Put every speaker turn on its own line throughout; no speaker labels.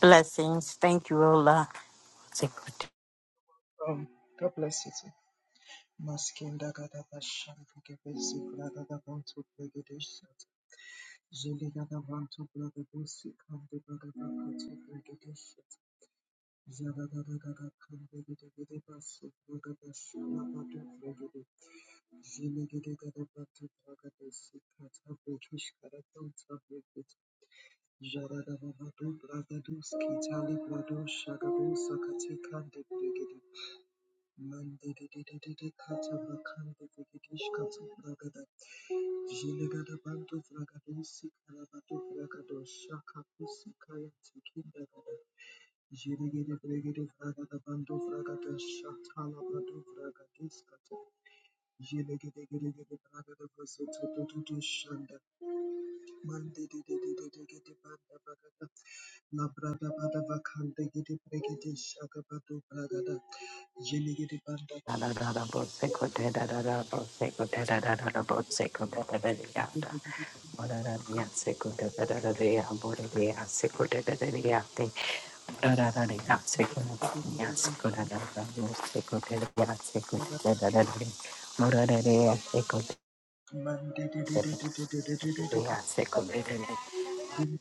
Blessings. Thank you, Ola.
Um, God bless you too. Maskinda gada bashan kebesi braga da bantu bregedesh. Jeli gada bantu braga dosi kande braga da bantu bregedesh. Zaga gada gada kande gede gede basu braga da shana batu bregede. Jeli gede gada bantu braga dosi kata bregesh kara bantu bregede. Jara da babadu braga doski tali brado shagadosa kate kande bregede. Mandedededede kata bakande vegedesh kata bragada. Jelegada bantu vragadosi kalabatu vragado shaka pusi kaya tikinda gada. Jelegede bregede vragada bantu vragada shatala bantu vragadis kata. Jelegede gede gede vragada vasoto tutu shanda. Mande de de de de de de de banda bagada. La brada bada bakande gede bregede shaka bado bragada. Jene gede banda bagada bando bragado. Gede gede banda bagada bando bragado. Gede gede banda bagada. Mande de de de de de de de de de de. de. Jelly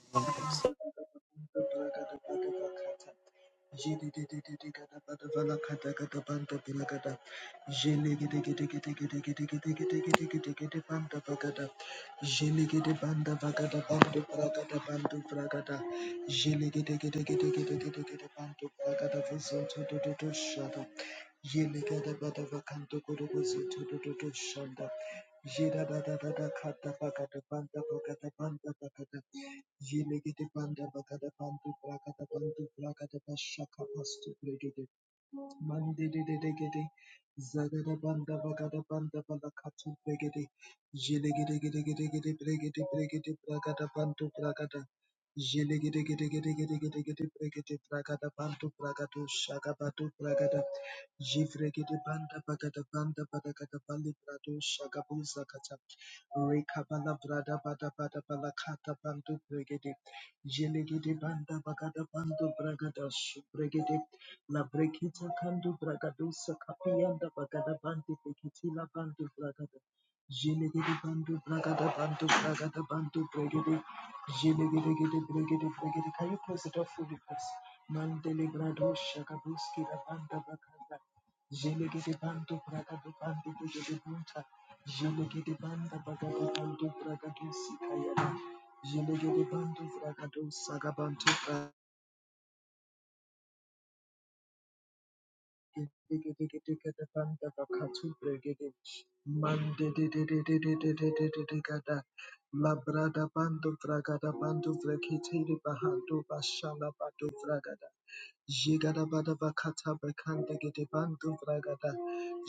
Yele gada bada vakanto koro gozo todo todo shanda. Jira da da da da kata pakata panta pakata panta pakata. Jene gete panta pakata pantu prakata pantu prakata pashaka pastu pregede. Mandi de de de Mandidididididi. Zagadabanda bagadabanda balakatu brigidi. Jiligidigidigidigidi brigidi brigidi bragadabantu bragada. Jiligidigidigidigidigidi brigidi bragadabantu bragadu shagabatu bragada. Jivrigidi banda bagadabanda badagadabali bradu shagabu zakata. Rekabala brada bada bada balakata bantu brigidi. Jiligidi banda bagada bandu bragada shubregede La brekita kandu bragadusa kapianda bagada bandu brekitila bandu bragada. Jelegede bandu bragada bandu bragada bandu bregede. Jelegede gede bregede bregede. Can you close it up fully, please? Mandele grado shakabuski la banda bagada. Jelegede bandu bragada bandu bregede bunta. Jelegede banda bagada bandu bragadusi kayada. Jelegede bandu bragadusa gabantu bragada. Mandedededededededededededegada. Labrada bando vragada bando vrekitiri bahando bashala bado vragada. Jegada bada Jigadabadabakata bakande gede bandu bragada.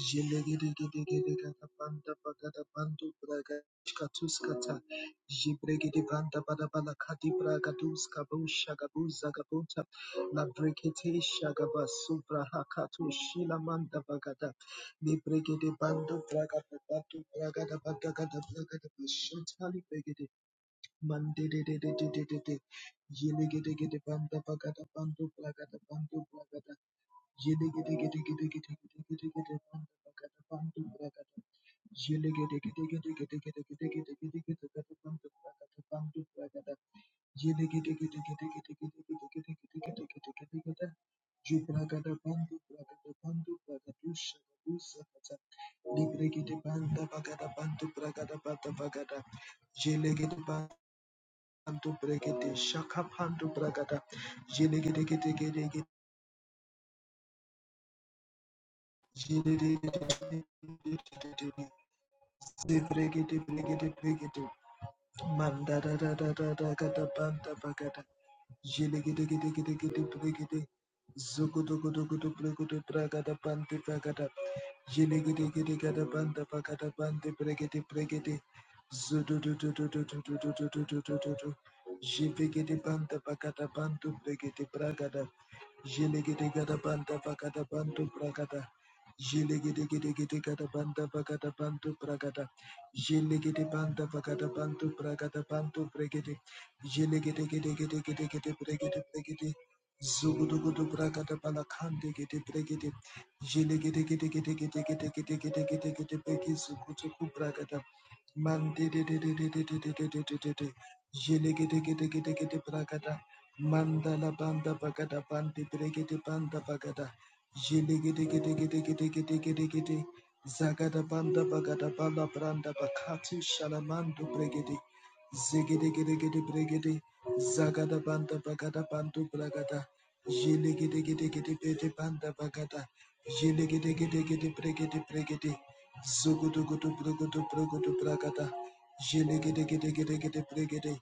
Jilegedegedegedegada banda bagada bandu braga. Katuskata. Jibregede banda badabala kadi braga duska busha gabuza gabunta. La brekete shagaba subra hakatu shila manda bagada. Libregede bandu braga babatu bragada bagada bragada bashantali bregede. Mandedededededede. Yelegedegede banda bagada bandu blagada bandu blagada. Yelegedegedegedegedegedegedegede banda bagada bandu blagada. Yelegedegedegedegedegedegedegedegedegede bandu blagada bandu blagada. Yelegedegedegedegedegedegedegedegedegedegede. Jubragada bandu blagada bandu blagada. Ushaka usakata. Libregede banda bagada bandu blagada banda bagada. Yelegede banda Pandu Bregete, Shaka Pandu Bragada, Jilegedegedegede, Jilegedegedegede, Zebregede Bregede Bregede, Manda da da da da da ga da banda bagada. Jili gidi gidi gidi gidi bri gidi. Zugu dugu dugu du bri gudu braga da bandi bagada. Jili gidi gidi gada banda bagada bandi bri gidi bri gidi. Zudu du du du du du du du du du du du du du. Jivi gidi banda bagada bandu bri gidi braga da. Jili gidi gada banda bagada bandu braga da. Jili gidi gidi gidi gada banda bagada bandu braga da. Jelegede banda bagada bantu bragada bantu bregede. Jelegede gede gede gede gede bregede bregede. Zugudugudu bragada balakande gede bregede. Jelegede gede gede gede gede gede gede gede gede bregi zugudugu Mandididididididididididididi. Jiligidigidigidigidi bragada. Mandala banda bagada bandi brigidi banda bagada. Jiligidigidigidigidigidigidi. Zagada banda bagada bala branda bakati shalamando brigidi. Zigidigidigidi brigidi. Zagada banda bagada bandu bragada. Jiligidigidigidi bidi banda bagada. Jiligidigidigidi brigidi brigidi. Sugudugudugudugudugudugudubragada. Jiligidegidegidegidebregede.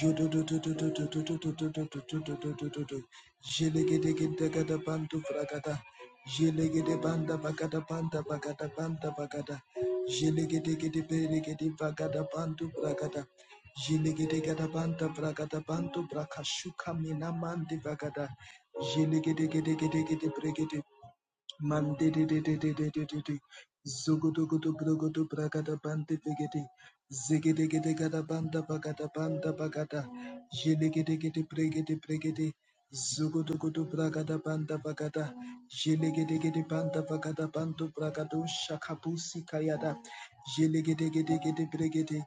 Jududududududududududududududududu. Jiligidegidegadabandubragada. Jiligidebandabagadabandabagadabandabagada. Jiligidegidebregedibagadabandubrakada. Jiligidegadabandabragadabandubraka shukaminamandibragada. Mande de de de de de de de Mandidididididididi. Zugudugudugudugudu bragada bandidigidi. Zigidigidigada banda bagada banda bagada. Jiligidigidi brigidi brigidi. Zugudugudu bragada banda bagada. Jiligidigidi banda bagada bandu bragadu shakabusi kayada. Jiligidigidigidi brigidi.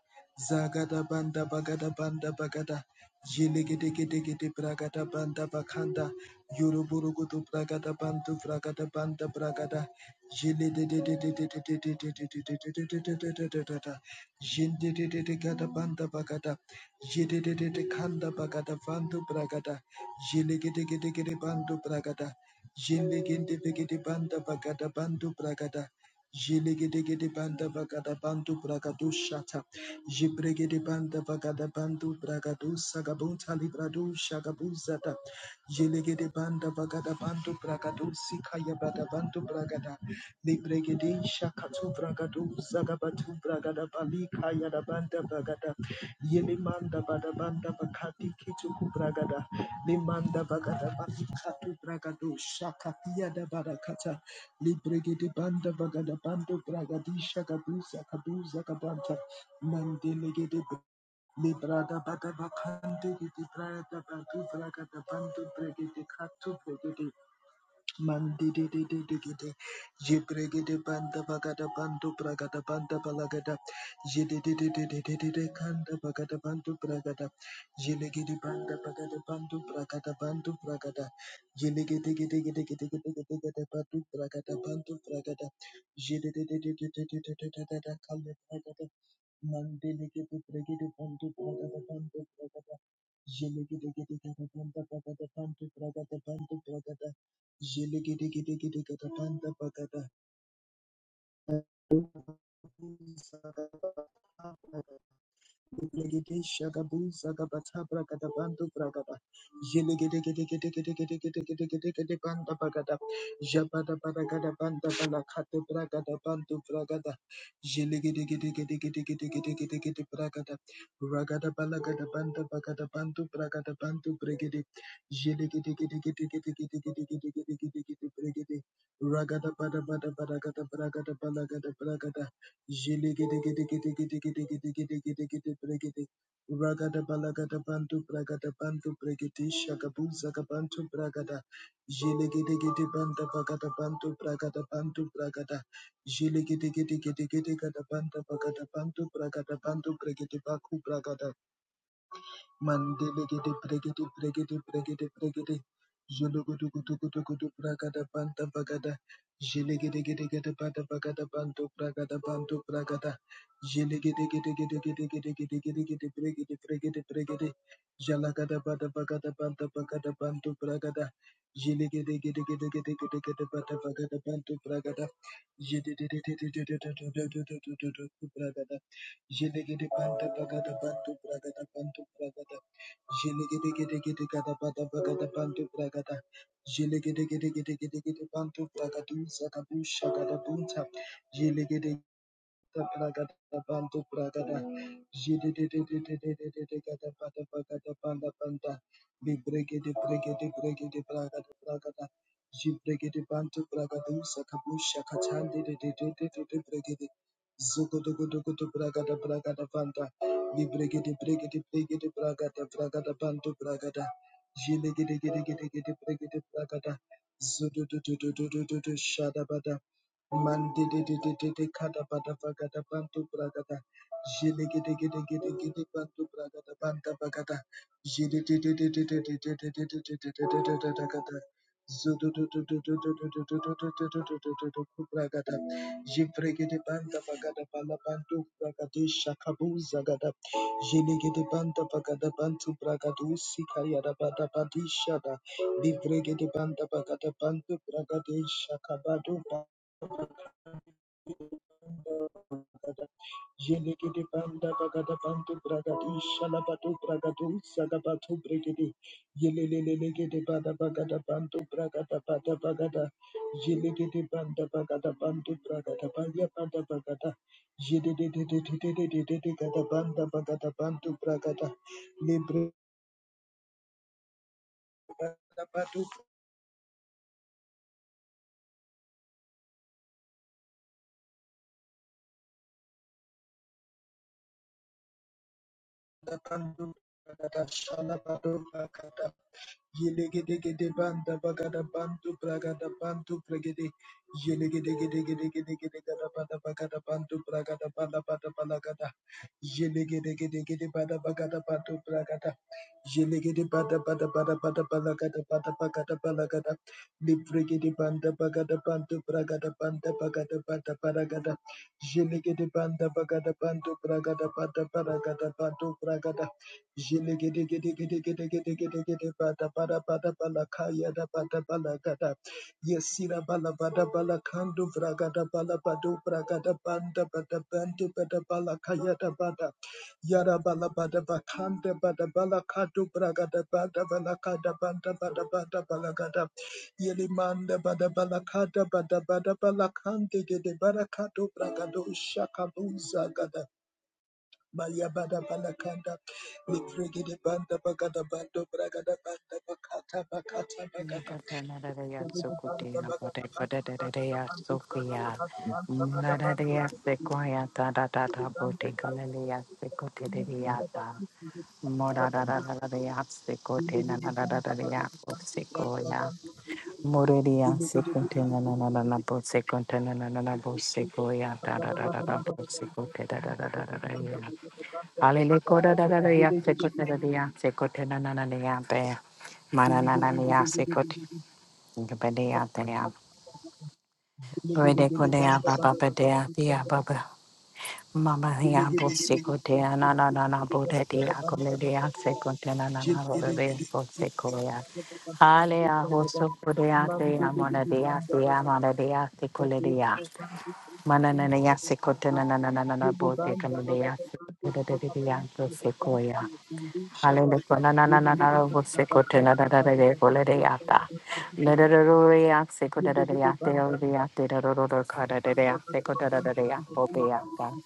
Zagada banda bagada banda bagada. Jiligidigidigidi bragada banda bakanda. Yoruburugudu bragada bantu bragada banda bragada jili de de de de de de de de de de de de de de de de de de de jindi de de de gada banda bagada jidi de de de kanda bagada bantu bragada jili gidi gidi gidi bantu bragada jili gindi gidi banda bagada bantu bragada Jilegedegede banda bagada bandu bragadu shata. Jibregede banda bagada bandu bragadu sagabunta libradu shagabuzata. Jilegede banda bagada bandu bragadu sikaya bada bandu bragada. Libregede shakatu bragadu zagabatu bragada balika yada banda bagada yelimanda bada banda bakati kituku bragada limanda bagada balikatu bragadu shakati yada barakata libregede banda bagada bando bragadi shagabu zakadu zakabanta mandelegede Librada Bagabakande, Librada Badu Bragada Bandu Brigade Katu Brigade, Mandidididididi. Jibregede banda bagada bandu bragada banda balagada. Jidididididididi kanda bagada bandu bragada. Jilegede banda bagada bandu bragada bandu bragada. Jilegedegedegedegedegedegede bandu bragada bandu bragada. Jidididididididididididida kanda bragada. Mandilegede bregede bandu bragada bandu bragada. Jilegedegedegede banda bagada bandu bragada bandu bragada. Jelegedegedegedegetabanda bagada. Legede shagabu zagabata bragada bandu bragada. Jelegede gede gede gede gede gede gede gede gede banda bagada. Jabada bagada banda balakate bragada bandu bragada. Jelegede gede gede gede gede gede gede gede bragada. Ragada balagada banda bagada bandu bragada bandu bregede. Jelegede gede gede gede gede gede gede gede gede gede bregede. Ragada bada bada bada gada bragada balagada bragada. Jilegedegedegedegedegedegedegede. Ragada balagada bantu bragada bantu bregede shagabu zagabantu bragada. Jilegedegede banda bagada bantu bragada bantu bragada. Jilegedegedegedegedegada banda bagada bantu bragada bantu bregede baku bragada. Jenegede banda bagada bantu bragada bantu bragada. Jenegede gede gede gada bada bagada bantu bragada. Jenegede gede gede gede gede bantu bragadu zagadu shagada bunta. Jenegede Bantu Bragada Jididididididididididikata Bada Bagada Banda Banda Bibregede Bregede Bregede Bragada Bragada Jibregede Bantu Bragadusa Kabusha Katandi Bregede Zugudugudugudu Bragada Bragada Banda Bibregede Bregede Bregede Bragada Bragada Bantu Bragada Jilegede Gede Gede Gede Bregede Bragada Zudududududududu Mandi de de de de de kada bada bagada bantu bragada. Jele gede gede gede gede bantu bragada banta bagada. Jele de de de de de de de de de de de de de de de de gada. Zudu du du du du du du du du du du du du du du du du bragada. Jifre gede banta bagada bala bantu bragade shakabu zagada. Jele gede banta bagada bantu bragadu sikaya da bada badi shada. Livre gede banta bagada bantu bragade shakabadu. Bragada, Yenegede Banda Bagada Bantu Bragadi, Shalabatu Bragadu, Sagabatu Brigidi, Yelelegede Bada Bagada Bantu Bragada Bada Bagada, Yelegede Banda Bagada Bantu Bragada Baya Bada Bagada, Yedede Gada Banda Bagada Bantu Bragada, Libre Bada Batu Bada Bantu Bragada, Shalabatu Bragada. Yelegedegede banda bagada bantu bragada bantu bregede. Yelegedegedegedegedegede bada bagada bantu bragada bada bada balagada. Yelegedegedegede bada bagada bantu bragada. Yelegede bada bada bada bada balagada bada bagada balagada. Libregede banda bagada bantu bragada banda bagada bada balagada. Yelegede banda bagada bantu bragada bada balagada bantu bragada bada bada bala kandu vragada bala badu vragada banda bada bandu bada bala kayada bada yara bala bada bakanda bada bala bala bala bala bala bala bala yesira banda yara kada banda bada bada bala gada Yelimanda bada bala kada bada bada bala balakante gede barakado bragado shakabuza Maliabada Balakanda, Librigidi Banda Bagada Bando Bragada Banda Bakata Bakata Bagada.
Nicotanadea
Brigidi Banda
Sukutina,
Bagada Bando Bragada
Potapodea
Bando Bragada
Sukia,
Banda Bagada Bando
Moradea
Brigidi.
Sequia, Tata
Brigidi
Tata
Banda Bagada
Boticalia
Bando Bragada
Secotediata,
Bando Bragada Bando Brigidi.
Moradadea Secotina,
Ziligidi Banda
Nadadadea
Bagada Bando Bragada
Sequoia, Morelia
Bando
Secotina,
Brigidi.
Nanabo Secotina, Nanabo
Thank
Sequoia, Tata Tata Secotia, Alelicota Dadea Secotia, Secotina, Nananea Bear. Badea, dea. Redeco dea, baba, badea, dea, baba. Mama, dea, bosico dea, na, na, na, na, boda dea, comedia, secondena, na, na, rodea, bosicoia. Alea, hoso, bodea, dea, mona dea, dea,
you.
mona dea, sicoledia.
Dabesha Bantu Kutu
Mananea,
Bantu
secondena, na, na, na, na,
Zibo
boda,
Banda
comedia,
Bagada Bantu
secondena,
Kata
Dea
Pinsa da
Secoia.
Ontala Bandu Shada
Hallelujah. Na na na
Yele
na
Gede
na.
Banda
Você cortando
Bakata
da da da
Bagada
da.
Bantu
Coleriata.
Bagada Bantu Kutu
Lerororiata. Se
Yele
cortando
Gede
da da ro
Banda
re yakse kote da da. Lerororo cara da ro ro ro kada
Banda
da.
Bagada
Se cortando da da
Bantu
da.
Kutu Kala
Bobeata.
Kala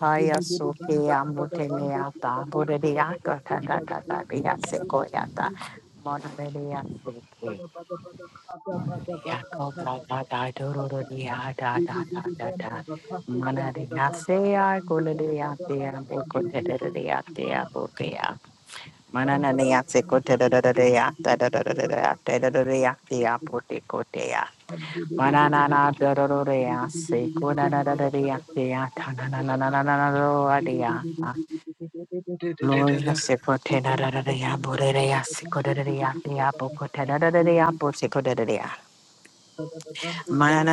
Haya
Yele Gede
soke
Banda Bagada Bantu Bagada
amuteleata.
Pinsa
Boreria
da Batu
kata ta ta ta.
Bagada
Bia
Shada
se
Pinsa da
cortata.
Pinsa
Monoreria soke.
Bagada Bagada Bagada Bagada Bagada
Riaco da
Bagada
da da.
Kata,
Dororia da da da da da. Manaria se a coleriata. Bocoteria te a Manana neyatse kote da da da da ya da da da da da da da da da da ya te ya pote kote ya. Manana na da da da da ya se kona da da da da ya te ya ta na na na na na na na da da ya.
Thank
Lord ya se kote da da da da ya bore da ya se kote da da ya te ya po kote da da da da
Thank
ya
you.
po se kote da da ya.
Thank
Hallelujah.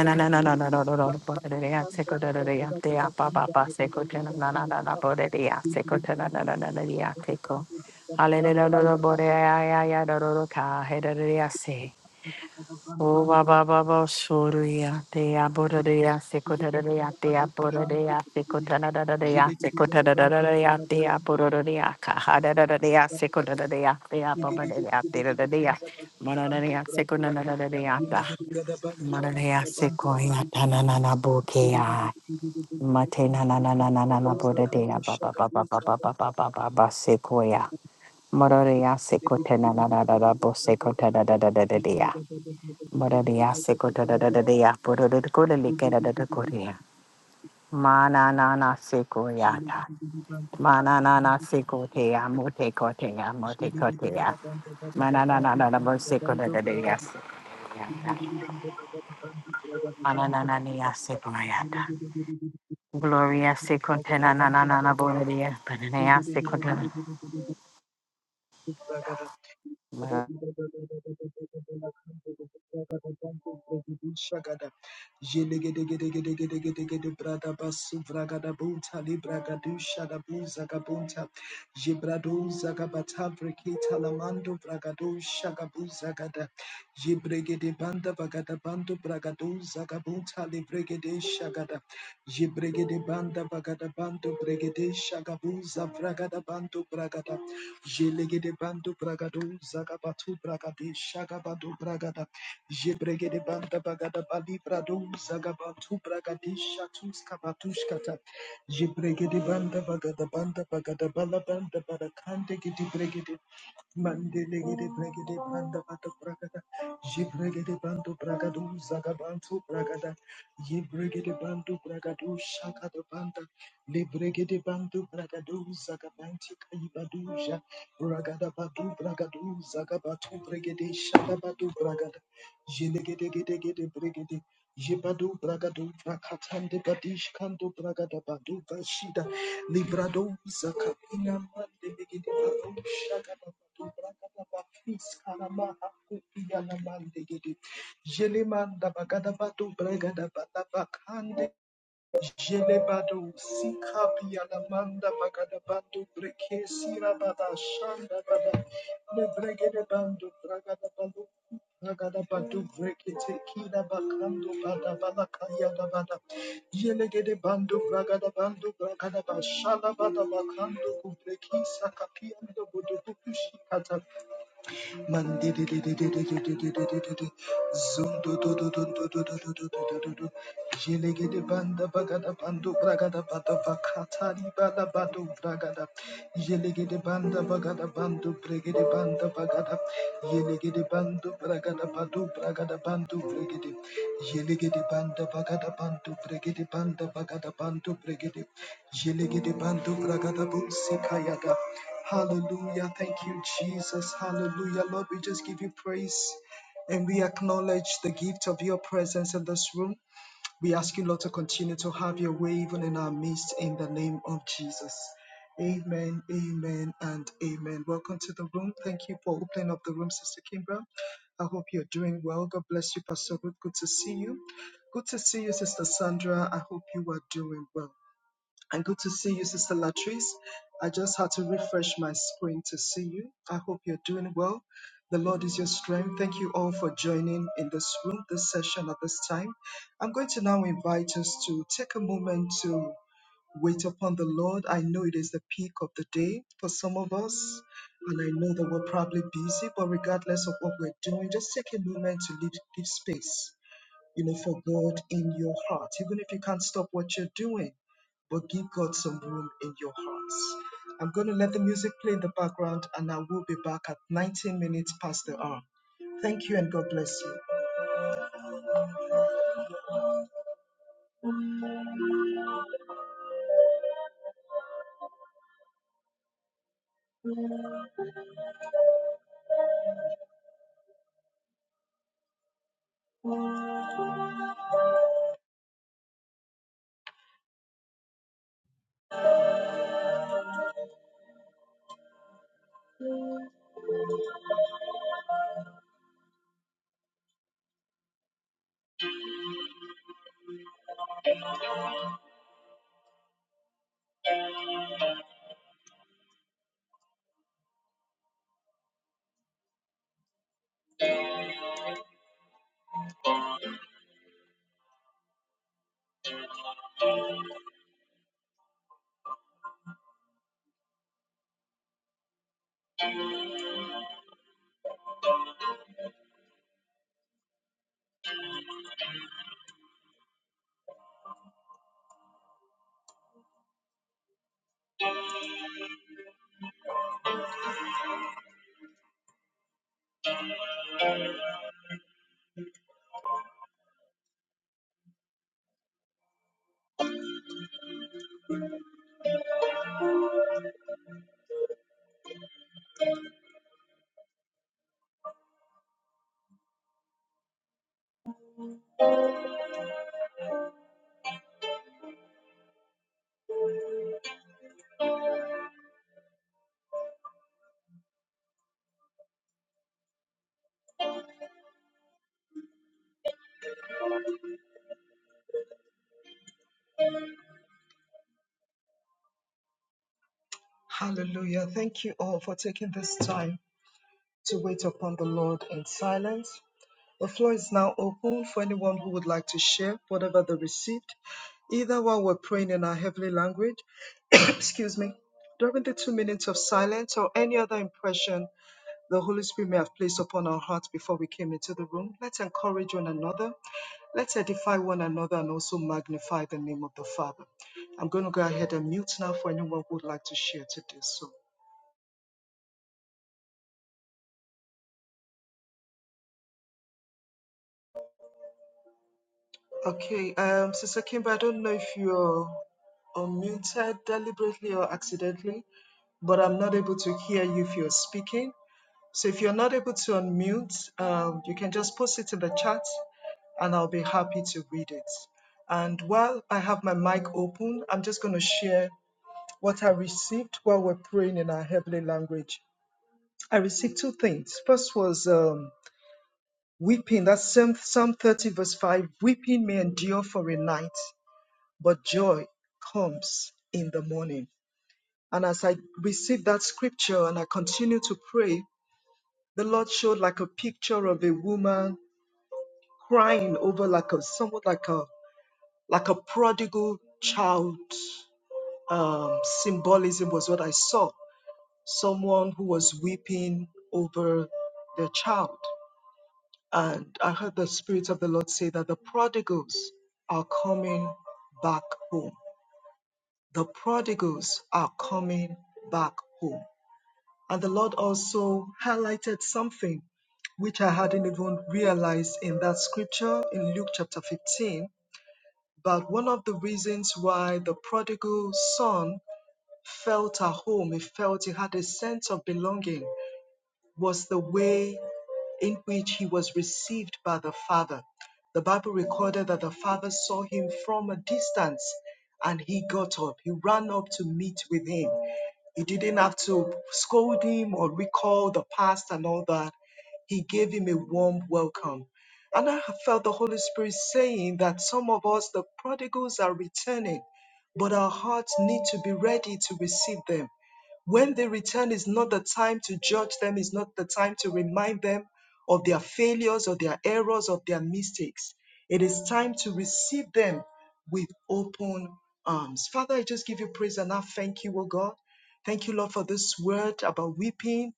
Mananea sequoia tanana bokea. Matena na na na na na na bodea ba ba ba ba ba ba
you.
ba ba ba ba ba sequoia. Mororia
Thank
sequotena na na na na bo sequotena da da da da dea. Mororia sequotena da da da dea. Bodododododelicada da da corea. Mana na na sequoiata. Mana na na sequoia mote cotea mote cotea. Manana na na na bo sequotena da da dea. Manana na na Gloria se contena na na na na boria, pananea se contena.
you. Jibregede banda bagada bando bregede shagabuza bragada bando bragada Jelegede bando bragado zagabatu bragade shagabado bragada. Jebregede banda bagada bali brado zagabatu bragade shatus kabatushkata. Jebregede banda bagada banda bagada bala banda barakante gede bregede. Mandelegede bregede banda bata bragada. Jibregede bandu bragadu zagabantu bragada. Yibregede bandu bragadu shakada banda. Libregede bandu bragadu zagabanti kaibaduja. Bragada batu bragadu zagabatu bregede shakabatu bragada. Jilegede gede gede bregede. Jibadu bragadu brakatande badish kandu bragada badu bashida. Librado Zakapina Mande Begidi Baru Shagada Batu Bragada Bafis Karamaha Kupiyana Mande Gidi Jelimanda Bagada Batu Bragada Bakande Jelebado sikapi alamanda bagada bando breke sira bada shanda bada ne bregede bando bragada bando bragada bando breke tekida bakando bada bada kaya da bada yelegede bando bragada bando bragada bashana bada bakando kubreki sakapi ando bodo kukushi Mandi di di di di di di di di di di di di Mandidididididididididididi. Zundududududududududududududu. Jelegede banda bagada bandu bragada bada vakatari bada badu bragada. Jelegede banda bagada bandu bregede banda bagada. Yelegede bandu bragada badu bragada bandu bregede. Jelegede banda bagada bandu bregede banda bagada bandu bregede. Jelegede bandu bragada bunsi kayada. Hallelujah. Thank you, Jesus. Hallelujah. Lord, we just give you praise and we acknowledge the gift of your presence in this room. We ask you, Lord, to continue to have your way even in our midst in the name of Jesus. Amen, amen, and amen. Welcome to the room. Thank you for opening up the room, Sister Kimbra. I hope you're doing well. God bless you, Pastor Ruth. Good to see you. Good to see you, Sister Sandra. I hope you are doing well. And good to see you, Sister Latrice. I just had to refresh my screen to see you. I hope you're doing well. The Lord is your strength. Thank you all for joining in this room, this session at this time. I'm going to now invite us to take a moment to wait upon the Lord. I know it is the peak of the day for some of us, and I know that we're probably busy, but regardless of what we're doing, just take a moment to leave, leave space you know, for God in your heart, even if you can't stop what you're doing, but give God some room in your hearts. I'm going to let the music play in the background and I will be back at 19 minutes past the hour. Thank you and God bless you. Hallelujah. Thank you all for taking this time to wait upon the Lord in silence. The floor is now open for anyone who would like to share whatever they received, either while we're praying in our heavenly language, excuse me, during the two minutes of silence, or any other impression the Holy Spirit may have placed upon our hearts before we came into the room. Let's encourage one another, let's edify one another, and also magnify the name of the Father. I'm going to go ahead and mute now for anyone who would like to share to do so. Okay, um, Sister Kimber, I don't know if you're unmuted deliberately or accidentally. but I'm not able to hear you if you're speaking. So if you're not able to unmute, um, you can just post it in the chat and I'll be happy to read it. And while I have my mic open, I'm just going to share what I received while we're praying in our heavenly language. I received two things. First was um, weeping, that's Psalm, Psalm 30, verse 5 weeping may endure for a night, but joy comes in the morning. And as I received that scripture and I continue to pray, The Lord showed like a picture of a woman crying over like a somewhat like a like a prodigal child um, symbolism was what I saw. Someone who was weeping over their child. And I heard the Spirit of the Lord say that the prodigals are coming back home. The prodigals are coming back home. And the Lord also highlighted something which I hadn't even realized in that scripture in Luke chapter 15. But one of the reasons why the prodigal son felt at home, he felt he had a sense of belonging, was the way in which he was received by the father. The Bible recorded that the father saw him from a distance and he got up. He ran up to meet with him. He didn't have to scold him or recall the past and all that. He gave him a warm welcome. And I felt the Holy Spirit saying that some of us, the prodigals, are returning, but our hearts need to be ready to receive them. When they return, is not the time to judge them, is not the time to remind them of their failures, of their errors, of their mistakes. It is time to receive them with open arms. Father, I just give you praise and I thank you, O God. Thank you, Lord, for this word about weeping,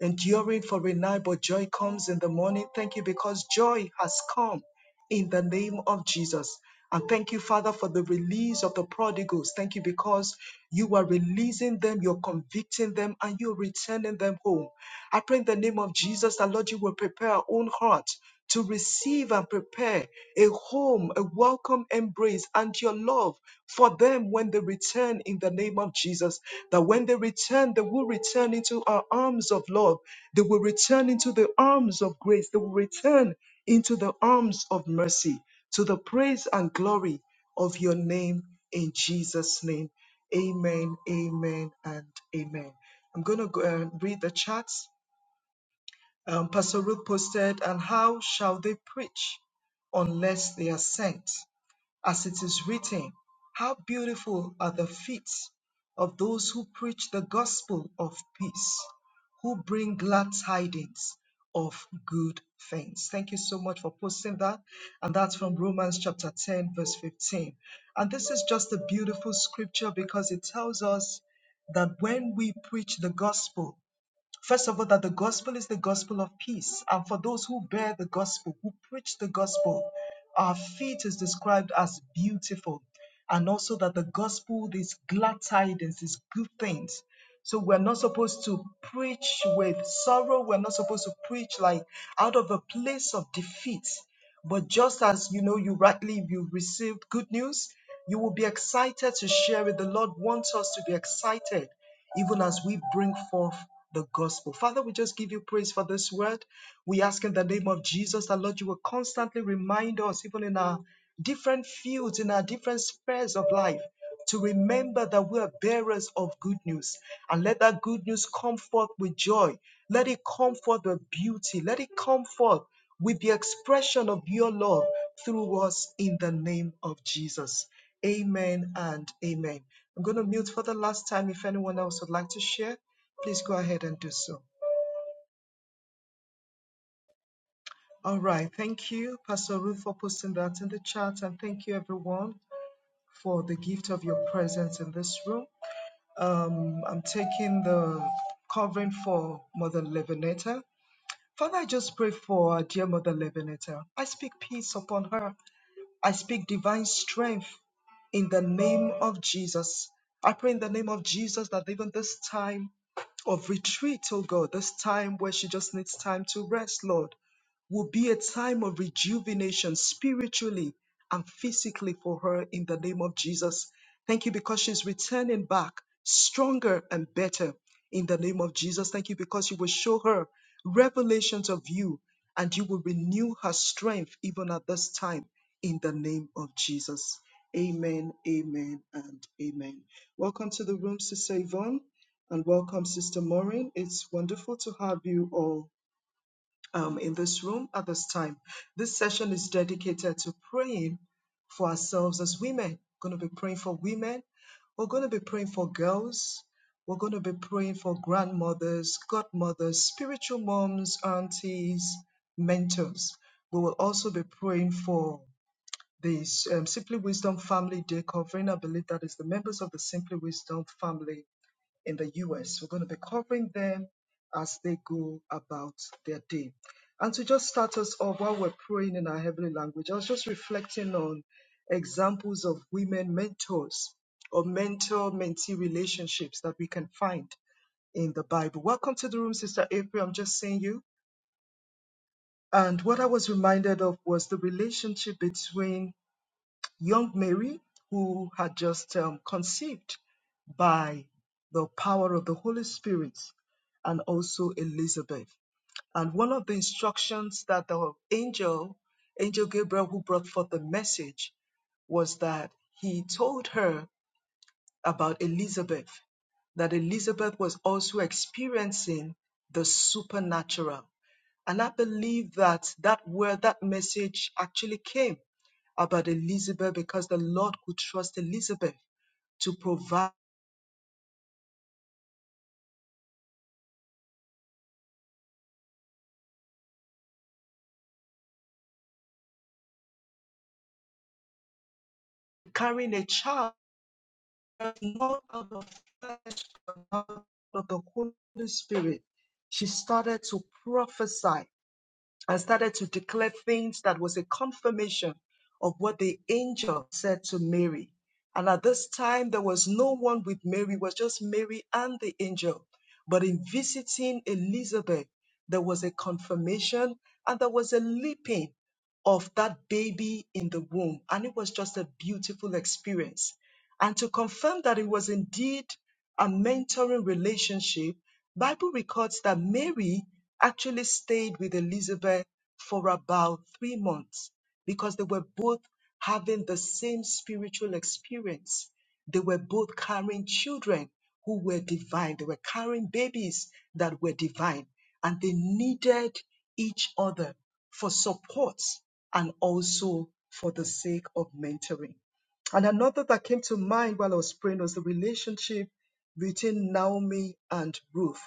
enduring for a night, but joy comes in the morning. Thank you because joy has come in the name of Jesus. And thank you, Father, for the release of the prodigals. Thank you because you are releasing them, you're convicting them, and you're returning them home. I pray in the name of Jesus that Lord, you will prepare our own heart to receive and prepare a home, a welcome embrace, and your love for them when they return in the name of Jesus. That when they return, they will return into our arms of love. They will return into the arms of grace. They will return into the arms of mercy to the praise and glory of your name in Jesus' name. Amen, amen, and amen. I'm going to go, uh, read the chat. Um, Pastor Ruth posted, and how shall they preach unless they are sent? As it is written, how beautiful are the feet of those who preach the gospel of peace, who bring glad tidings of good things. Thank you so much for posting that. And that's from Romans chapter 10, verse 15. And this is just a beautiful scripture because it tells us that when we preach the gospel, First of all, that the gospel is the gospel of peace. And for those who bear the gospel, who preach the gospel, our feet is described as beautiful. And also that the gospel is glad tidings, is good things. So we're not supposed to preach with sorrow. We're not supposed to preach like out of a place of defeat. But just as you know, you rightly you received good news, you will be excited to share it. The Lord wants us to be excited, even as we bring forth the gospel. Father, we just give you praise for this word. We ask in the name of Jesus that Lord, you will constantly remind us, even in our different fields, in our different spheres of life to remember that we are bearers of good news and let that good news come forth with joy. Let it come forth with beauty. Let it come forth with the expression of your love through us in the name of Jesus. Amen and amen. I'm going to mute for the last time. If anyone else would like to share, please go ahead and do so. All right. Thank you, Pastor Ruth, for posting that in the chat. And thank you, everyone, for the gift of your presence in this room. Um, I'm taking the covering for Mother Levinetta. Father, I just pray for our dear Mother Levinetta. I speak peace upon her. I speak divine strength in the name of Jesus. I pray in the name of Jesus that even this time of retreat, oh God, this time where she just needs time to rest, Lord, will be a time of rejuvenation spiritually and physically for her in the name of Jesus. Thank you because she's returning back stronger and better in the name of Jesus. Thank you because you will show her revelations of you and you will renew her strength even at this time in the name of Jesus. Amen, amen, and amen. Welcome to the room, Sister Yvonne, and welcome, Sister Maureen. It's wonderful to have you all um, in this room at this time. This session is dedicated to praying for ourselves as women. going to be praying for women. We're going to be praying for girls. We're going to be praying for grandmothers, godmothers, spiritual moms, aunties, mentors. We will also be praying for the um, Simply Wisdom Family Day covering. I believe that is the members of the Simply Wisdom family in the US. We're going to be covering them as they go about their day. And to just start us off while we're praying in our heavenly language, I was just reflecting on examples of women mentors or mentor mentee relationships that we can find in the Bible. Welcome to the room, Sister April. I'm just seeing you. And what I was reminded of was the relationship between young Mary, who had just um, conceived by the power of the Holy Spirit, and also Elizabeth. And one of the instructions that the angel, Angel Gabriel, who brought forth the message, was that he told her about Elizabeth, that Elizabeth was also experiencing the supernatural. And I believe that that word, that message actually came about Elizabeth because the Lord could trust Elizabeth to provide carrying a child, not out of flesh, but out of the Holy Spirit. She started to prophesy. and started to declare things that was a confirmation of what the angel said to Mary. And at this time, there was no one with Mary, it was just Mary and the angel. But in visiting Elizabeth, there was a confirmation and there was a leaping of that baby in the womb. And it was just a beautiful experience. And to confirm that it was indeed a mentoring relationship, Bible records that Mary actually stayed with Elizabeth for about 3 months because they were both having the same spiritual experience. They were both carrying children who were divine. They were carrying babies that were divine and they needed each other for support and also for the sake of mentoring. And another that came to mind while I was praying was the relationship between Naomi and Ruth.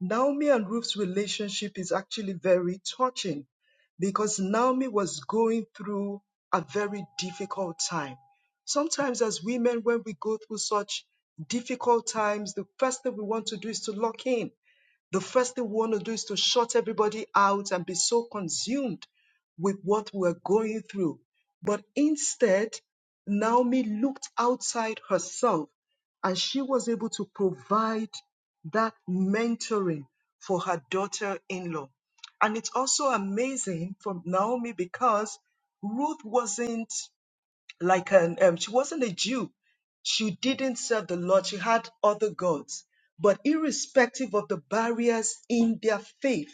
Naomi and Ruth's relationship is actually very touching because Naomi was going through a very difficult time. Sometimes, as women, when we go through such difficult times, the first thing we want to do is to lock in the first thing we want to do is to shut everybody out and be so consumed with what we're going through. But instead, Naomi looked outside herself and she was able to provide that mentoring for her daughter in law. And it's also amazing from Naomi because Ruth wasn't like an um, she wasn't a Jew. She didn't serve the Lord. She had other gods. But irrespective of the barriers in their faith,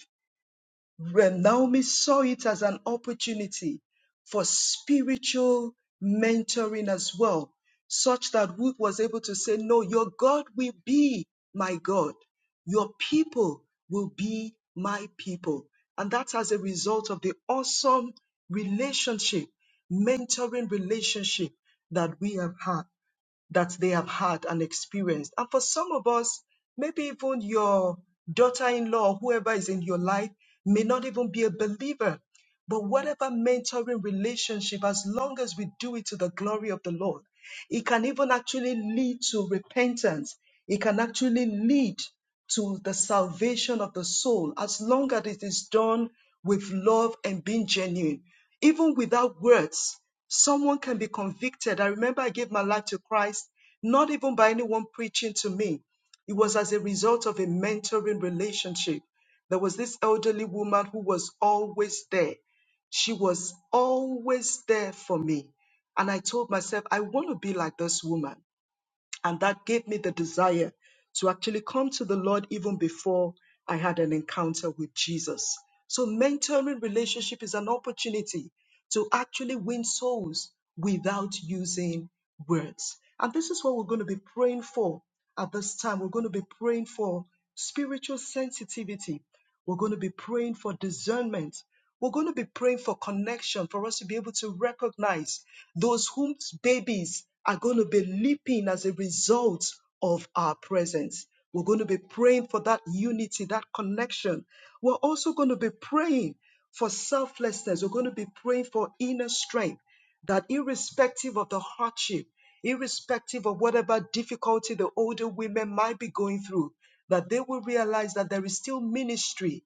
Re- Naomi saw it as an opportunity for spiritual mentoring as well, such that Ruth was able to say, No, your God will be my God, your people will be my people. And that's as a result of the awesome relationship, mentoring relationship that we have had that they have had and experienced. And for some of us, maybe even your daughter in law, whoever is in your life, may not even be a believer. But whatever mentoring relationship, as long as we do it to the glory of the Lord, it can even actually lead to repentance. It can actually lead to the salvation of the soul as long as it is done with love and being genuine. Even without words, someone can be convicted. I remember I gave my life to Christ, not even by anyone preaching to me. It was as a result of a mentoring relationship. There was this elderly woman who was always there. She was always there for me. And I told myself, I want to be like this woman. And that gave me the desire to actually come to the Lord even before I had an encounter with Jesus. So, mentoring relationship is an opportunity to actually win souls without using words. And this is what we're going to be praying for at this time. We're going to be praying for spiritual sensitivity we're going to be praying for discernment. We're going to be praying for connection for us to be able to recognize those whose babies are going to be leaping as a result of our presence. We're going to be praying for that unity, that connection. We're also going to be praying for selflessness. We're going to be praying for inner strength that irrespective of the hardship, irrespective of whatever difficulty the older women might be going through, that they will realize that there is still ministry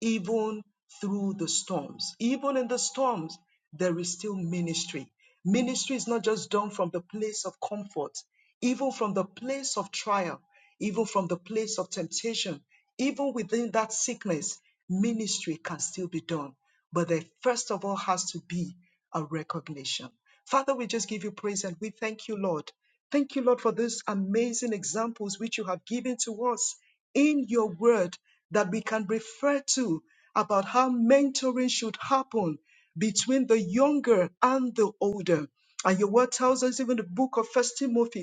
even through the storms. Even in the storms, there is still ministry. Ministry is not just done from the place of comfort, even from the place of trial, even from the place of temptation, even within that sickness, ministry can still be done. But there first of all has to be a recognition. Father, we just give you praise and we thank you, Lord. Thank you, Lord, for these amazing examples which you have given to us in your word that we can refer to about how mentoring should happen between the younger and the older. And your word tells us even the book of First Timothy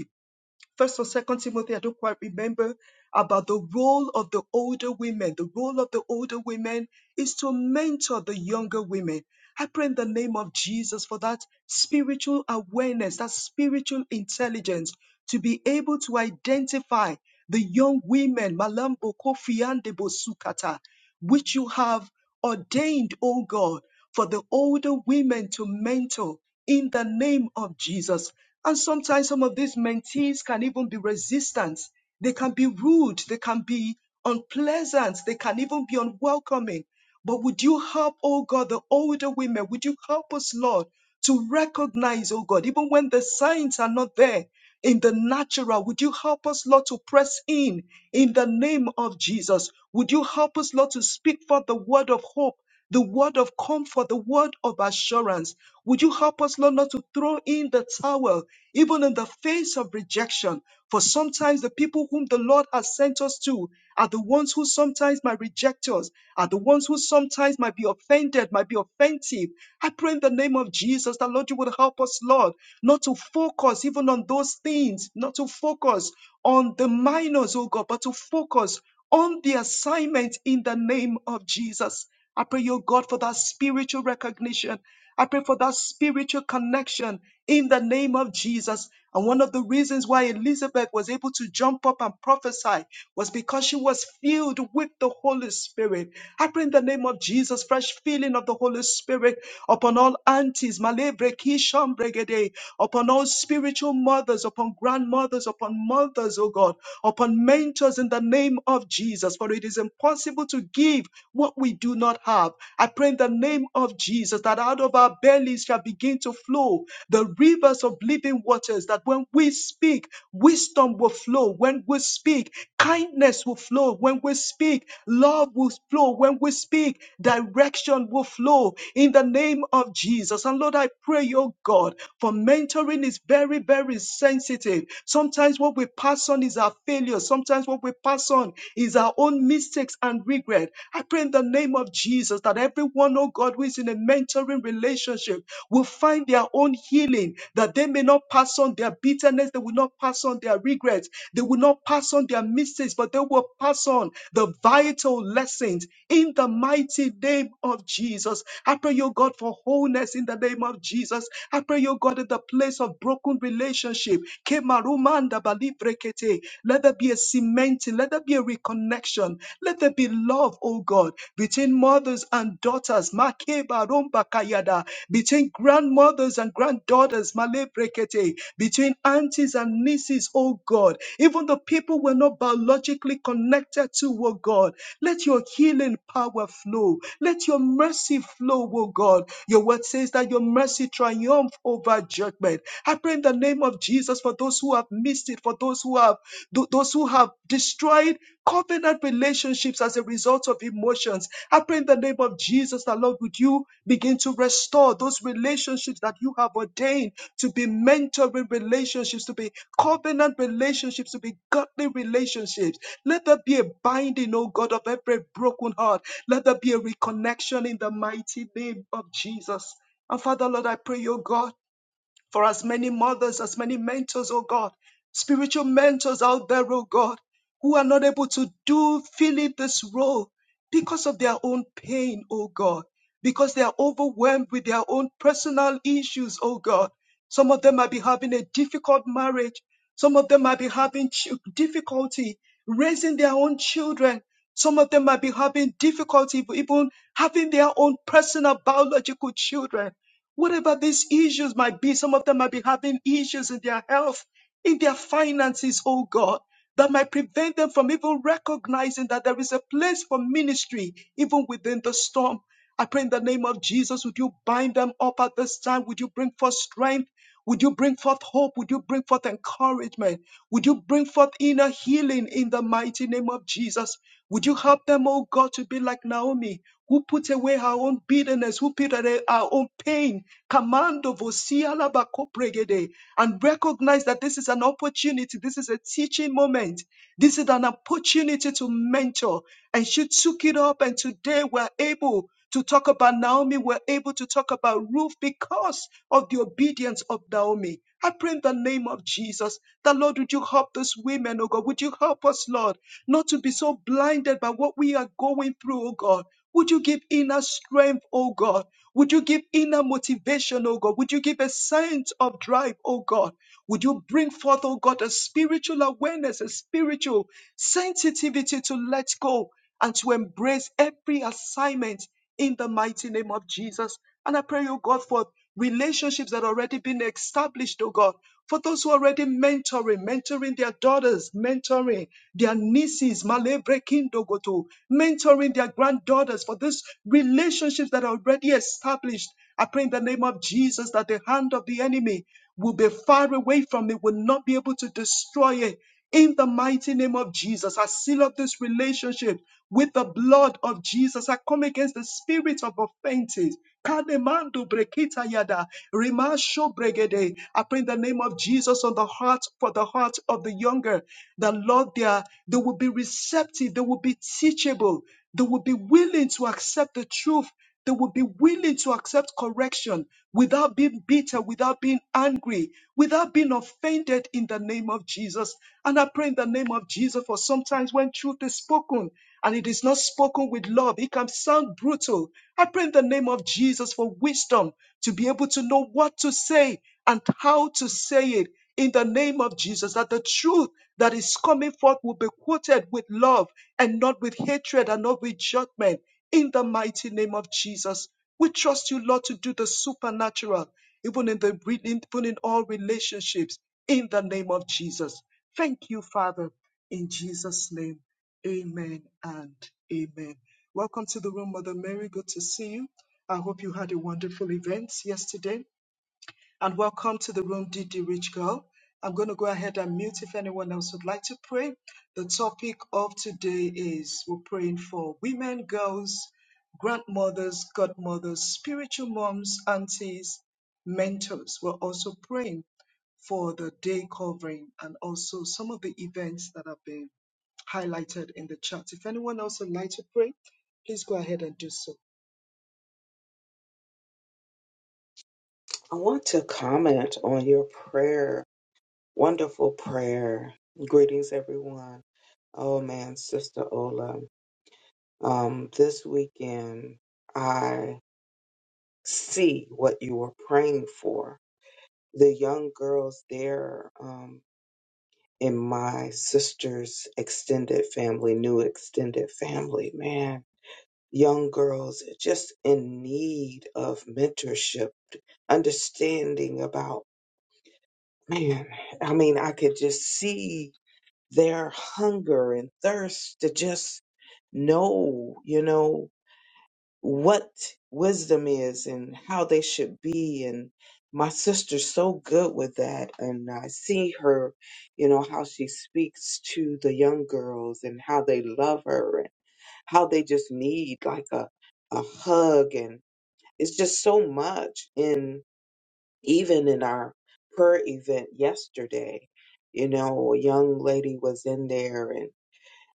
First or Second Timothy, I don't quite remember, about the role of the older women. The role of the older women is to mentor the younger women. I pray in the name of Jesus for that spiritual awareness, that spiritual intelligence to be able to identify the young women, Malambo Kofiande Bosukata, which you have ordained, O God, for the older women to mentor in the name of Jesus. And sometimes some of these mentees can even be resistant. They can be rude. They can be unpleasant. They can even be unwelcoming. But would you help, oh God, the older women? Would you help us, Lord, to recognize, oh God, even when the signs are not there in the natural? Would you help us, Lord, to press in in the name of Jesus? Would you help us, Lord, to speak for the word of hope? the word of comfort, the word of assurance. Would you help us, Lord, not to throw in the towel, even in the face of rejection? For sometimes the people whom the Lord has sent us to are the ones who sometimes might reject us, are the ones who sometimes might be offended, might be offensive. I pray in the name of Jesus that, Lord, you would help us, Lord, not to focus even on those things, not to focus on the minors, oh God, but to focus on the assignment in the name of Jesus. I pray, your God, for that spiritual recognition. I pray for that spiritual connection in the name of Jesus. And one of the reasons why Elizabeth was able to jump up and prophesy was because she was filled with the Holy Spirit. I pray in the name of Jesus, fresh filling of the Holy Spirit upon all aunties, Malebre, Kishon, Bregede, upon all spiritual mothers, upon grandmothers, upon mothers, oh God, upon mentors us in the name of Jesus, for it is impossible to give what we do not have. I pray in the name of Jesus that out of our bellies shall begin to flow the rivers of living waters, that when we speak, wisdom will flow. When we speak, kindness will flow. When we speak, love will flow. When we speak, direction will flow in the name of Jesus. And Lord, I pray, oh God, for mentoring is very very, very sensitive. Sometimes what we pass on is our failure. Sometimes what we pass on is our own mistakes and regret. I pray in the name of Jesus that everyone, oh God, who is in a mentoring relationship will find their own healing, that they may not pass on their bitterness, they will not pass on their regrets, they will not pass on their mistakes, but they will pass on the vital lessons in the mighty name of Jesus. I pray you oh God, for wholeness in the name of Jesus. I pray, oh God, in the place of broken relationship. Kemarumanda balibrekete. Let there be a cementing, let there be a reconnection, let there be love, oh God, between mothers and daughters. Makebarumbakayada. Between grandmothers and granddaughters. Malebrekete. Between aunties and nieces, oh God. Even the people we're not biologically connected to, oh God. Let your healing power flow. Let your mercy flow, O God. Your word says that your mercy triumphs over judgment. I pray in the name of Jesus for those who have missed it, for those who have tho- those who have destroyed covenant relationships as a result of emotions. I pray in the name of Jesus that Lord, would you begin to restore those relationships that you have ordained to be mentoring relationships, to be covenant relationships, to be godly relationships. Let there be a binding, O God, of every broken heart. Let there be a reconnection in the mighty name of Jesus. And Father, Lord, I pray, O God, for as many mothers, as many mentors, O God, spiritual mentors out there, O God, who are not able to do, fill in this role because of their own pain, O God, because they are overwhelmed with their own personal issues, O God. Some of them might be having a difficult marriage. Some of them might be having ch- difficulty raising their own children. Some of them might be having difficulty even having their own personal biological children. Whatever these issues might be, some of them might be having issues in their health, in their finances, oh God, that might prevent them from even recognizing that there is a place for ministry even within the storm. I pray in the name of Jesus, would you bind them up at this time? Would you bring forth strength? Would you bring forth hope? Would you bring forth encouragement? Would you bring forth inner healing in the mighty name of Jesus? Would you help them, oh God, to be like Naomi, who put away her own bitterness, who put away her own pain, Commando of Osiala Bakopregede, and recognize that this is an opportunity, this is a teaching moment, this is an opportunity to mentor. And she took it up, and today we're able to talk about Naomi. We're able to talk about Ruth because of the obedience of Naomi. I pray in the name of Jesus that, Lord, would you help those women, oh God? Would you help us, Lord, not to be so blinded by what we are going through, oh God? Would you give inner strength, oh God? Would you give inner motivation, oh God? Would you give a sense of drive, oh God? Would you bring forth, oh God, a spiritual awareness, a spiritual sensitivity to let go and to embrace every assignment in the mighty name of Jesus. And I pray, oh God, for relationships that already been established, oh God, for those who are already mentoring, mentoring their daughters, mentoring their nieces, Malebre Kindogoto, mentoring their granddaughters, for these relationships that are already established. I pray in the name of Jesus that the hand of the enemy will be far away from it, will not be able to destroy it in the mighty name of Jesus, I seal up this relationship with the blood of Jesus. I come against the spirit of offenses. Kademando brekita yada, remasho bregede. I pray in the name of Jesus on the heart for the heart of the younger. The Lord, they, are, they will be receptive, they will be teachable, they will be willing to accept the truth they will be willing to accept correction without being bitter, without being angry, without being offended in the name of Jesus. And I pray in the name of Jesus for sometimes when truth is spoken and it is not spoken with love, it can sound brutal. I pray in the name of Jesus for wisdom to be able to know what to say and how to say it in the name of Jesus, that the truth that is coming forth will be quoted with love and not with hatred and not with judgment in the mighty name of Jesus. We trust you, Lord, to do the supernatural, even in the even in all relationships, in the name of Jesus. Thank you, Father, in Jesus' name. Amen and amen. Welcome to the room, Mother Mary. Good to see you. I hope you had a wonderful event yesterday and welcome to the room, Didi Rich Girl? I'm going to go ahead and mute if anyone else would like to pray. The topic of today is we're praying for women, girls, grandmothers, godmothers, spiritual moms, aunties, mentors. We're also praying for the day covering and also some of the events that have been highlighted in the chat. If anyone else would like to pray, please go ahead and do so.
I want to comment on your prayer, wonderful prayer. Greetings, everyone. Oh man, Sister Ola, um, this weekend I see what you were praying for. The young girls there um, in my sister's extended family, new extended family, man, young girls just in need of mentorship, understanding about man, I mean, I could just see their hunger and thirst to just know, you know, what wisdom is and how they should be. And my sister's so good with that. And I see her, you know, how she speaks to the young girls and how they love her and how they just need like a, a hug. And it's just so much even in our prayer event yesterday, you know, a young lady was in there and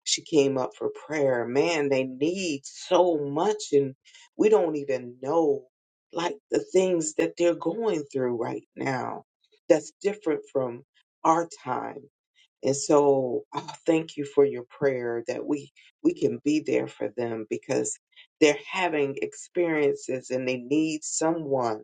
she came up for prayer. Man, they need so much, and we don't even know like the things that they're going through right now that's different from our time. And so I thank you for your prayer that we we can be there for them because they're having experiences and they need someone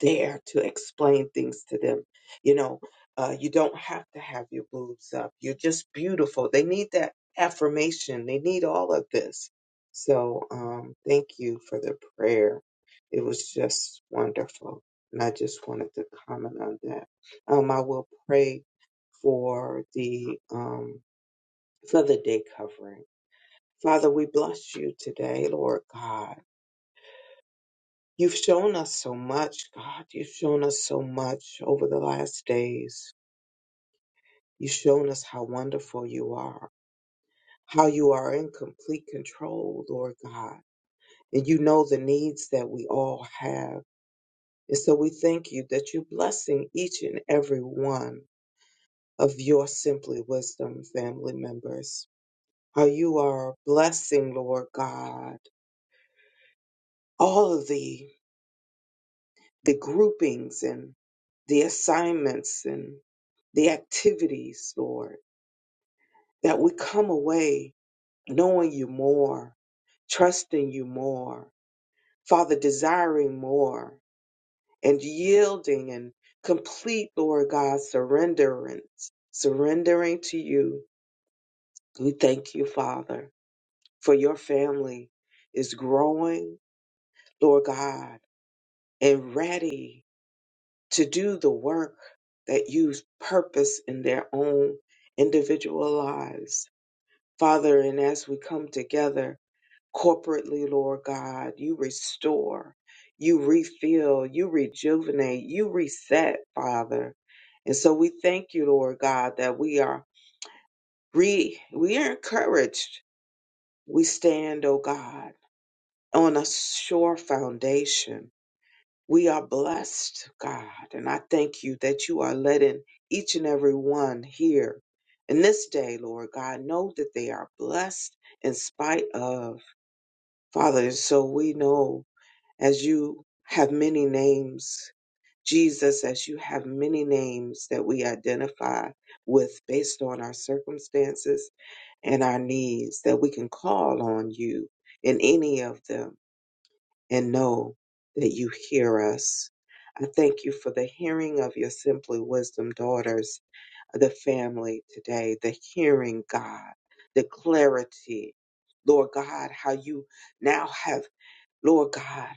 there to explain things to them. You know, uh, you don't have to have your boobs up. You're just beautiful. They need that affirmation. They need all of this. So, um, thank you for the prayer. It was just wonderful. And I just wanted to comment on that. Um, I will pray for the, um, for the day covering. Father, we bless you today, Lord God. You've shown us so much, God. You've shown us so much over the last days. You've shown us how wonderful you are, how you are in complete control, Lord God. And you know the needs that we all have. And so we thank you that you're blessing each and every one of your Simply Wisdom family members. How you are blessing, Lord God, all of these. the groupings and the assignments and the activities, Lord, that we come away knowing you more, trusting you more, Father, desiring more, and yielding and complete, Lord God, surrenderance, surrendering to you. We thank you, Father, for your family is growing, Lord God, and ready to do the work that use purpose in their own individual lives. Father, and as we come together corporately, Lord God, you restore, you refill, you rejuvenate, you reset, Father. And so we thank you, Lord God, that we are re we are encouraged. We stand, O God, on a sure foundation We are blessed, God, and I thank you that you are letting each and every one here in this day, Lord God, know that they are blessed in spite of. Father, so we know as you have many names, Jesus, as you have many names that we identify with based on our circumstances and our needs, that we can call on you in any of them and know that you hear us. I thank you for the hearing of your Simply Wisdom daughters, the family today, the hearing, God, the clarity, Lord God, how you now have, Lord God,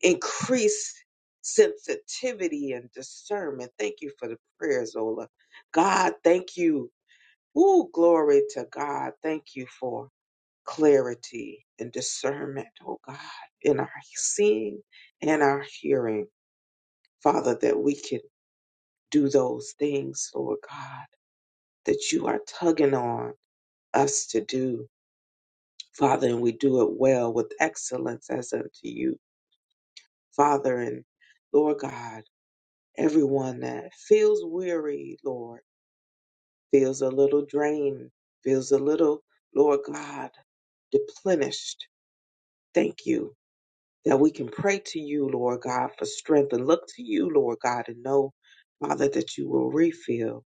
increased sensitivity and discernment. Thank you for the prayers, Ola. God, thank you. Ooh, glory to God. Thank you for clarity and discernment, oh God, in our seeing and our hearing, Father, that we can do those things, Lord God, that you are tugging on us to do, Father, and we do it well with excellence as unto you, Father, and Lord God, everyone that feels weary, Lord, feels a little drained, feels a little, Lord God, deplenished. Thank you that we can pray to you, Lord God, for strength and look to you, Lord God, and know, Father, that you will refill.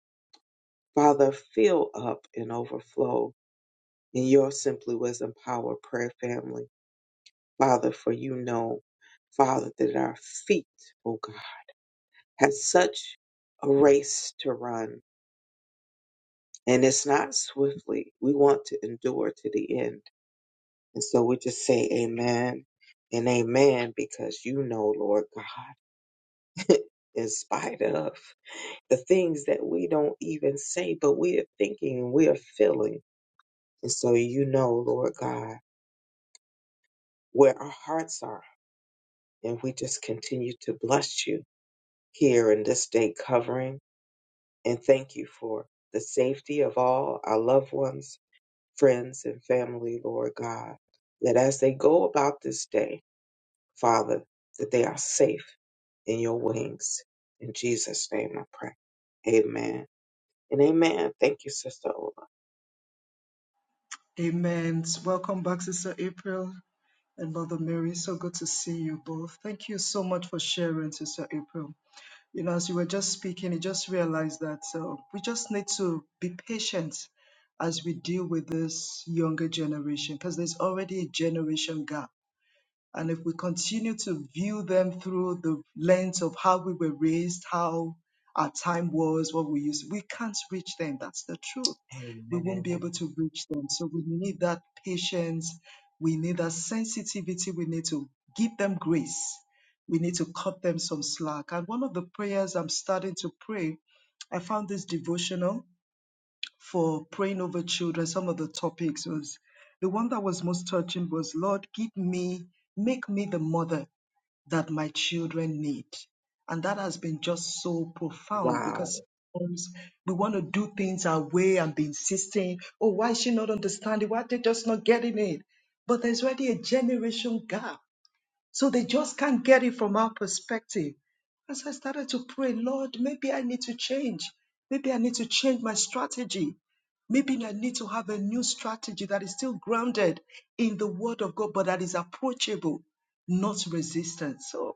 Father, fill up and overflow in your Simply Wisdom Power prayer family. Father, for you know, Father, that our feet, oh God, have such a race to run. And it's not swiftly. We want to endure to the end. And so we just say amen and amen because you know, Lord God, in spite of. the things that we don't even say, but we are thinking and we are feeling. And so you know, Lord God, where our hearts are. And we just continue to bless you here in this day covering and thank you for the safety of all our loved ones, friends, and family, Lord God, that as they go about this day, Father, that they are safe in your wings. In Jesus' name I pray. Amen. And amen. Thank you, Sister Ola.
Amen. Welcome back, Sister April. and Mother Mary. So good to see you both. Thank you so much for sharing, Sister April. You know, as you were just speaking, I just realized that uh, we just need to be patient as we deal with this younger generation because there's already a generation gap and if we continue to view them through the lens of how we were raised, how our time was, what we used, we can't reach them. That's the truth. We won't
Amen.
be able to reach them. So we need that patience. We need that sensitivity. We need to give them grace. We need to cut them some slack. And one of the prayers I'm starting to pray, I found this devotional for praying over children. Some of the topics was the one that was most touching was Lord, give me, make me the mother that my children need. And that has been just so profound
Wow.
because sometimes we want to do things our way and be insisting, oh, why is she not understanding? Why are they just not getting it? But there's already a generation gap so they just can't get it from our perspective. And so I started to pray, Lord, maybe I need to change. Maybe I need to change my strategy. Maybe I need to have a new strategy that is still grounded in the Word of God, but that is approachable, not resistant. So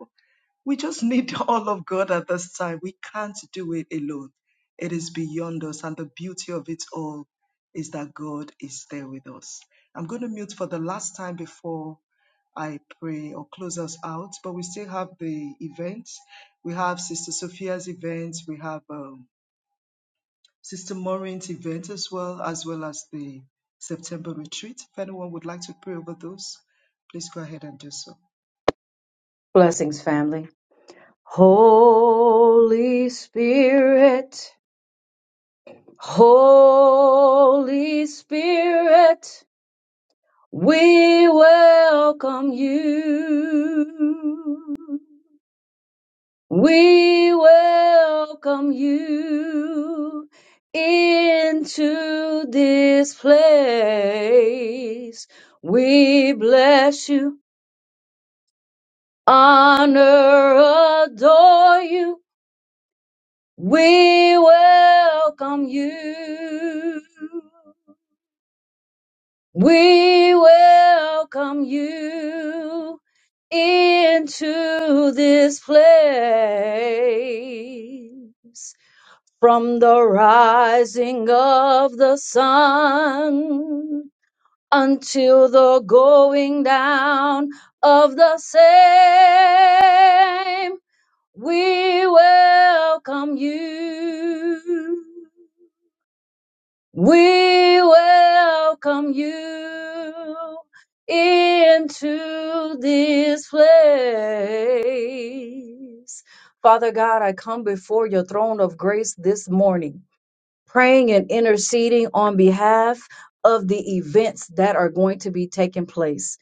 we just need all of God at this time. We can't do it alone. It is beyond us. And the beauty of it all is that God is there with us. I'm going to mute for the last time before I pray or close us out, but we still have the events. We have Sister Sophia's event. We have um, Sister Maureen's event as well, as well as the September retreat. If anyone would like to pray over those, please go ahead and do so.
Blessings, family. Holy Spirit, Holy Spirit, we welcome you. We welcome you into this place. We bless you, honor, adore you. We welcome you. We welcome you into this place. From the rising of the sun until the going down of the same, we welcome you. We welcome you into this place. Father God, I come before your throne of grace this morning, praying and interceding on behalf of the events that are going to be taking place.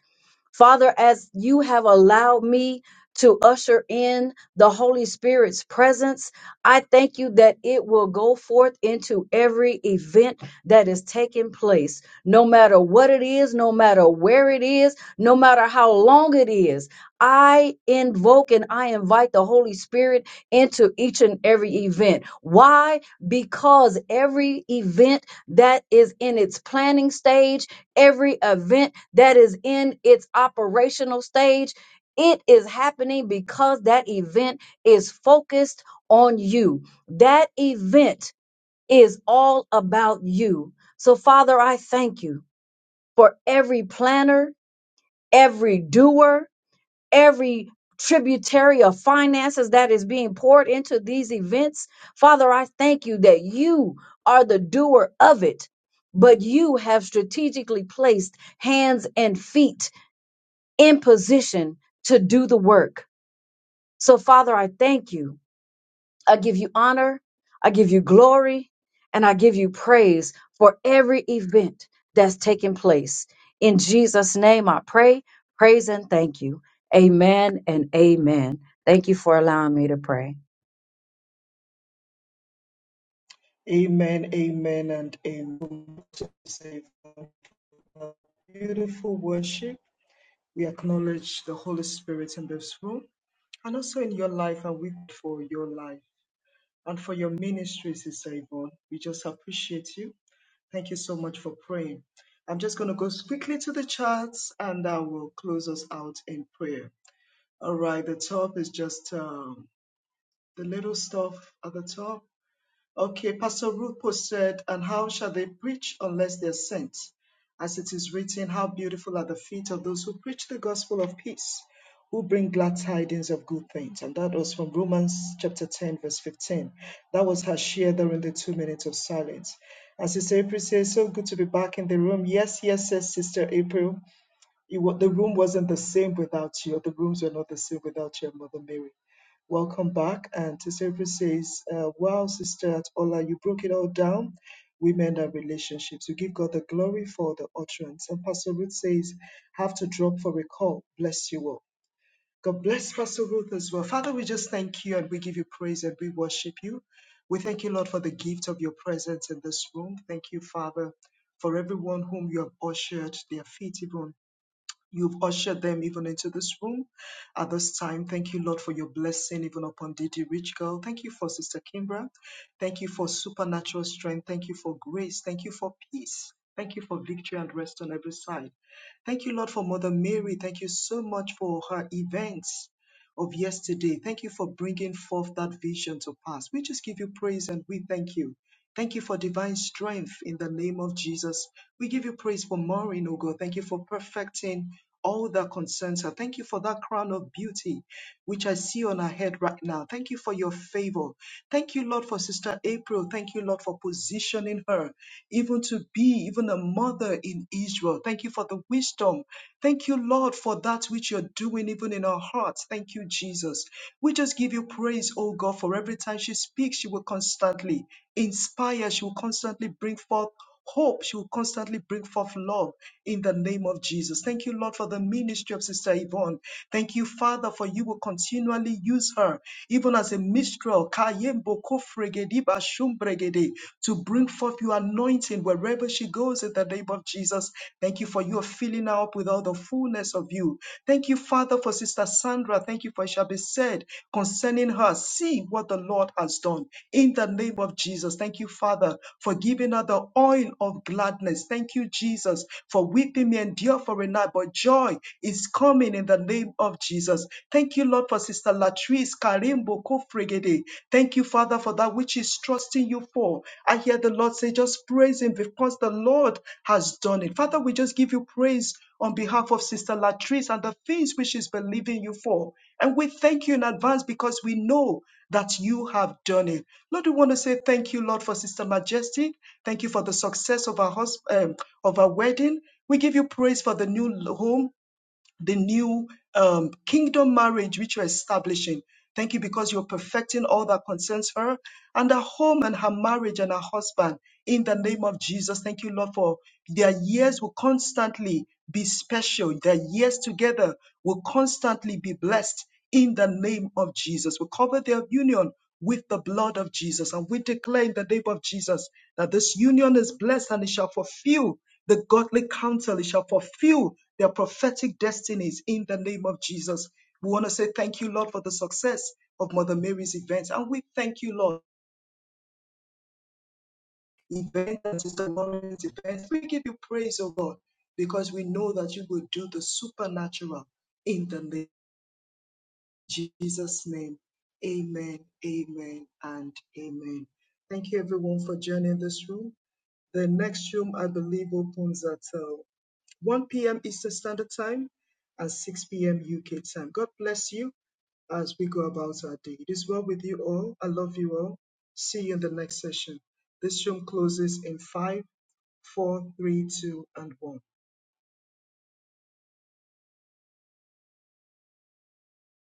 Father, as you have allowed me to usher in the Holy Spirit's presence, I thank you that it will go forth into every event that is taking place, no matter what it is, no matter where it is, no matter how long it is. I invoke and I invite the Holy Spirit into each and every event. Why? Because every event that is in its planning stage every event that is in its operational stage, it is happening because that event is focused on you. That event is all about you. So, Father, I thank you for every planner, every doer, every tributary of finances that is being poured into these events. Father, I thank you that you are the doer of it, but you have strategically placed hands and feet in position to do the work. So, Father, I thank you. I give you honor, I give you glory, and I give you praise for every event that's taking place. In Jesus' name, I pray, praise, and thank you. Amen and amen. Thank you for allowing me to pray.
Amen, amen, and amen. It's a beautiful worship. We acknowledge the Holy Spirit in this room and also in your life, and we pray for your life and for your ministry, Sister Yvonne. We just appreciate you. Thank you so much for praying. I'm just going to go quickly to the charts and I will close us out in prayer. All right, the top is just um, the little stuff at the top. Okay, Pastor Ruth posted, And how shall they preach unless they are sent? As it is written, How beautiful are the feet of those who preach the gospel of peace, who bring glad tidings of good things. And that was from Romans chapter 10, verse 15. That was her share during the two minutes of silence. And Sister April says, So good to be back in the room. Yes, yes, says Sister April. You, wa- the room wasn't the same without you. The rooms were not the same without your mother Mary. Welcome back. And Sister April says, uh, Wow, Sister Ola, you broke it all down women and relationships. You give God the glory for the utterance. And Pastor Ruth says, Have to drop for a call. Bless you all. God bless Pastor Ruth as well. Father, we just thank you and we give you praise and we worship you. We thank you, Lord, for the gift of your presence in this room. Thank you, Father, for everyone whom you have ushered their feet even You've ushered them even into this room at this time. Thank you, Lord, for your blessing even upon Didi Rich Girl. Thank you for Sister Kimbra. Thank you for supernatural strength. Thank you for grace. Thank you for peace. Thank you for victory and rest on every side. Thank you, Lord, for Mother Mary. Thank you so much for her events of yesterday. Thank you for bringing forth that vision to pass. We just give you praise and we thank you. Thank you for divine strength in the name of Jesus. We give you praise for Maureen, oh God. Thank you for perfecting all that concerns her. Thank you for that crown of beauty which I see on her head right now. Thank you for your favor. Thank you, Lord, for Sister April. Thank you, Lord, for positioning her even to be even a mother in Israel. Thank you for the wisdom. Thank you, Lord, for that which you're doing even in our hearts. Thank you, Jesus. We just give you praise, oh God, for every time she speaks, she will constantly inspire, she will constantly bring forth hope. She will constantly bring forth love in the name of Jesus. Thank you, Lord, for the ministry of Sister Yvonne. Thank you, Father, for you will continually use her, even as a mistral, Kayembo kofregedi bashumbregede, to bring forth your anointing wherever she goes in the name of Jesus. Thank you for your filling her up with all the fullness of you. Thank you, Father, for Sister. Sister Sandra, thank you for it shall be said concerning her. See what the Lord has done in the name of Jesus. Thank you, Father, for giving her the oil of gladness. Thank you, Jesus, for weeping may endure for a night, but joy is coming in the name of Jesus. Thank you, Lord, for Sister Latrice Karimbo Kofregede. Thank you, Father, for that which is trusting you for all. I hear the Lord say, just praise Him because the Lord has done it. Father, we just give you praise on behalf of Sister Latrice and the things which she's believing you for. And we thank you in advance because we know that you have done it. Lord, we want to say thank you, Lord, for Sister Majestic. Thank you for the success of our, hus- um, of our wedding. We give you praise for the new home the new um, kingdom marriage which you're establishing. Thank you because you're perfecting all that concerns her and her home and her marriage and her husband in the name of Jesus. Thank you, Lord, for their years will constantly be special. Their years together will constantly be blessed in the name of Jesus. We cover their union with the blood of Jesus. And we declare in the name of Jesus that this union is blessed and it shall fulfill the godly counsel, it shall fulfill their prophetic destinies in the name of Jesus. We want to say thank you, Lord, for the success of Mother Mary's event. And we thank you, Lord, event and Sister Lauren's event. We give you praise, O God, because we know that you will do the supernatural in the name. Jesus' name. Amen, amen, and amen. Thank you everyone for joining this room. The next room, I believe, opens at uh, 1 p.m. Eastern Standard Time and 6 p.m. UK time. God bless you as we go about our day. It is well with you all. I love you all. See you in the next session. This room closes in five, four, three, two, and 1.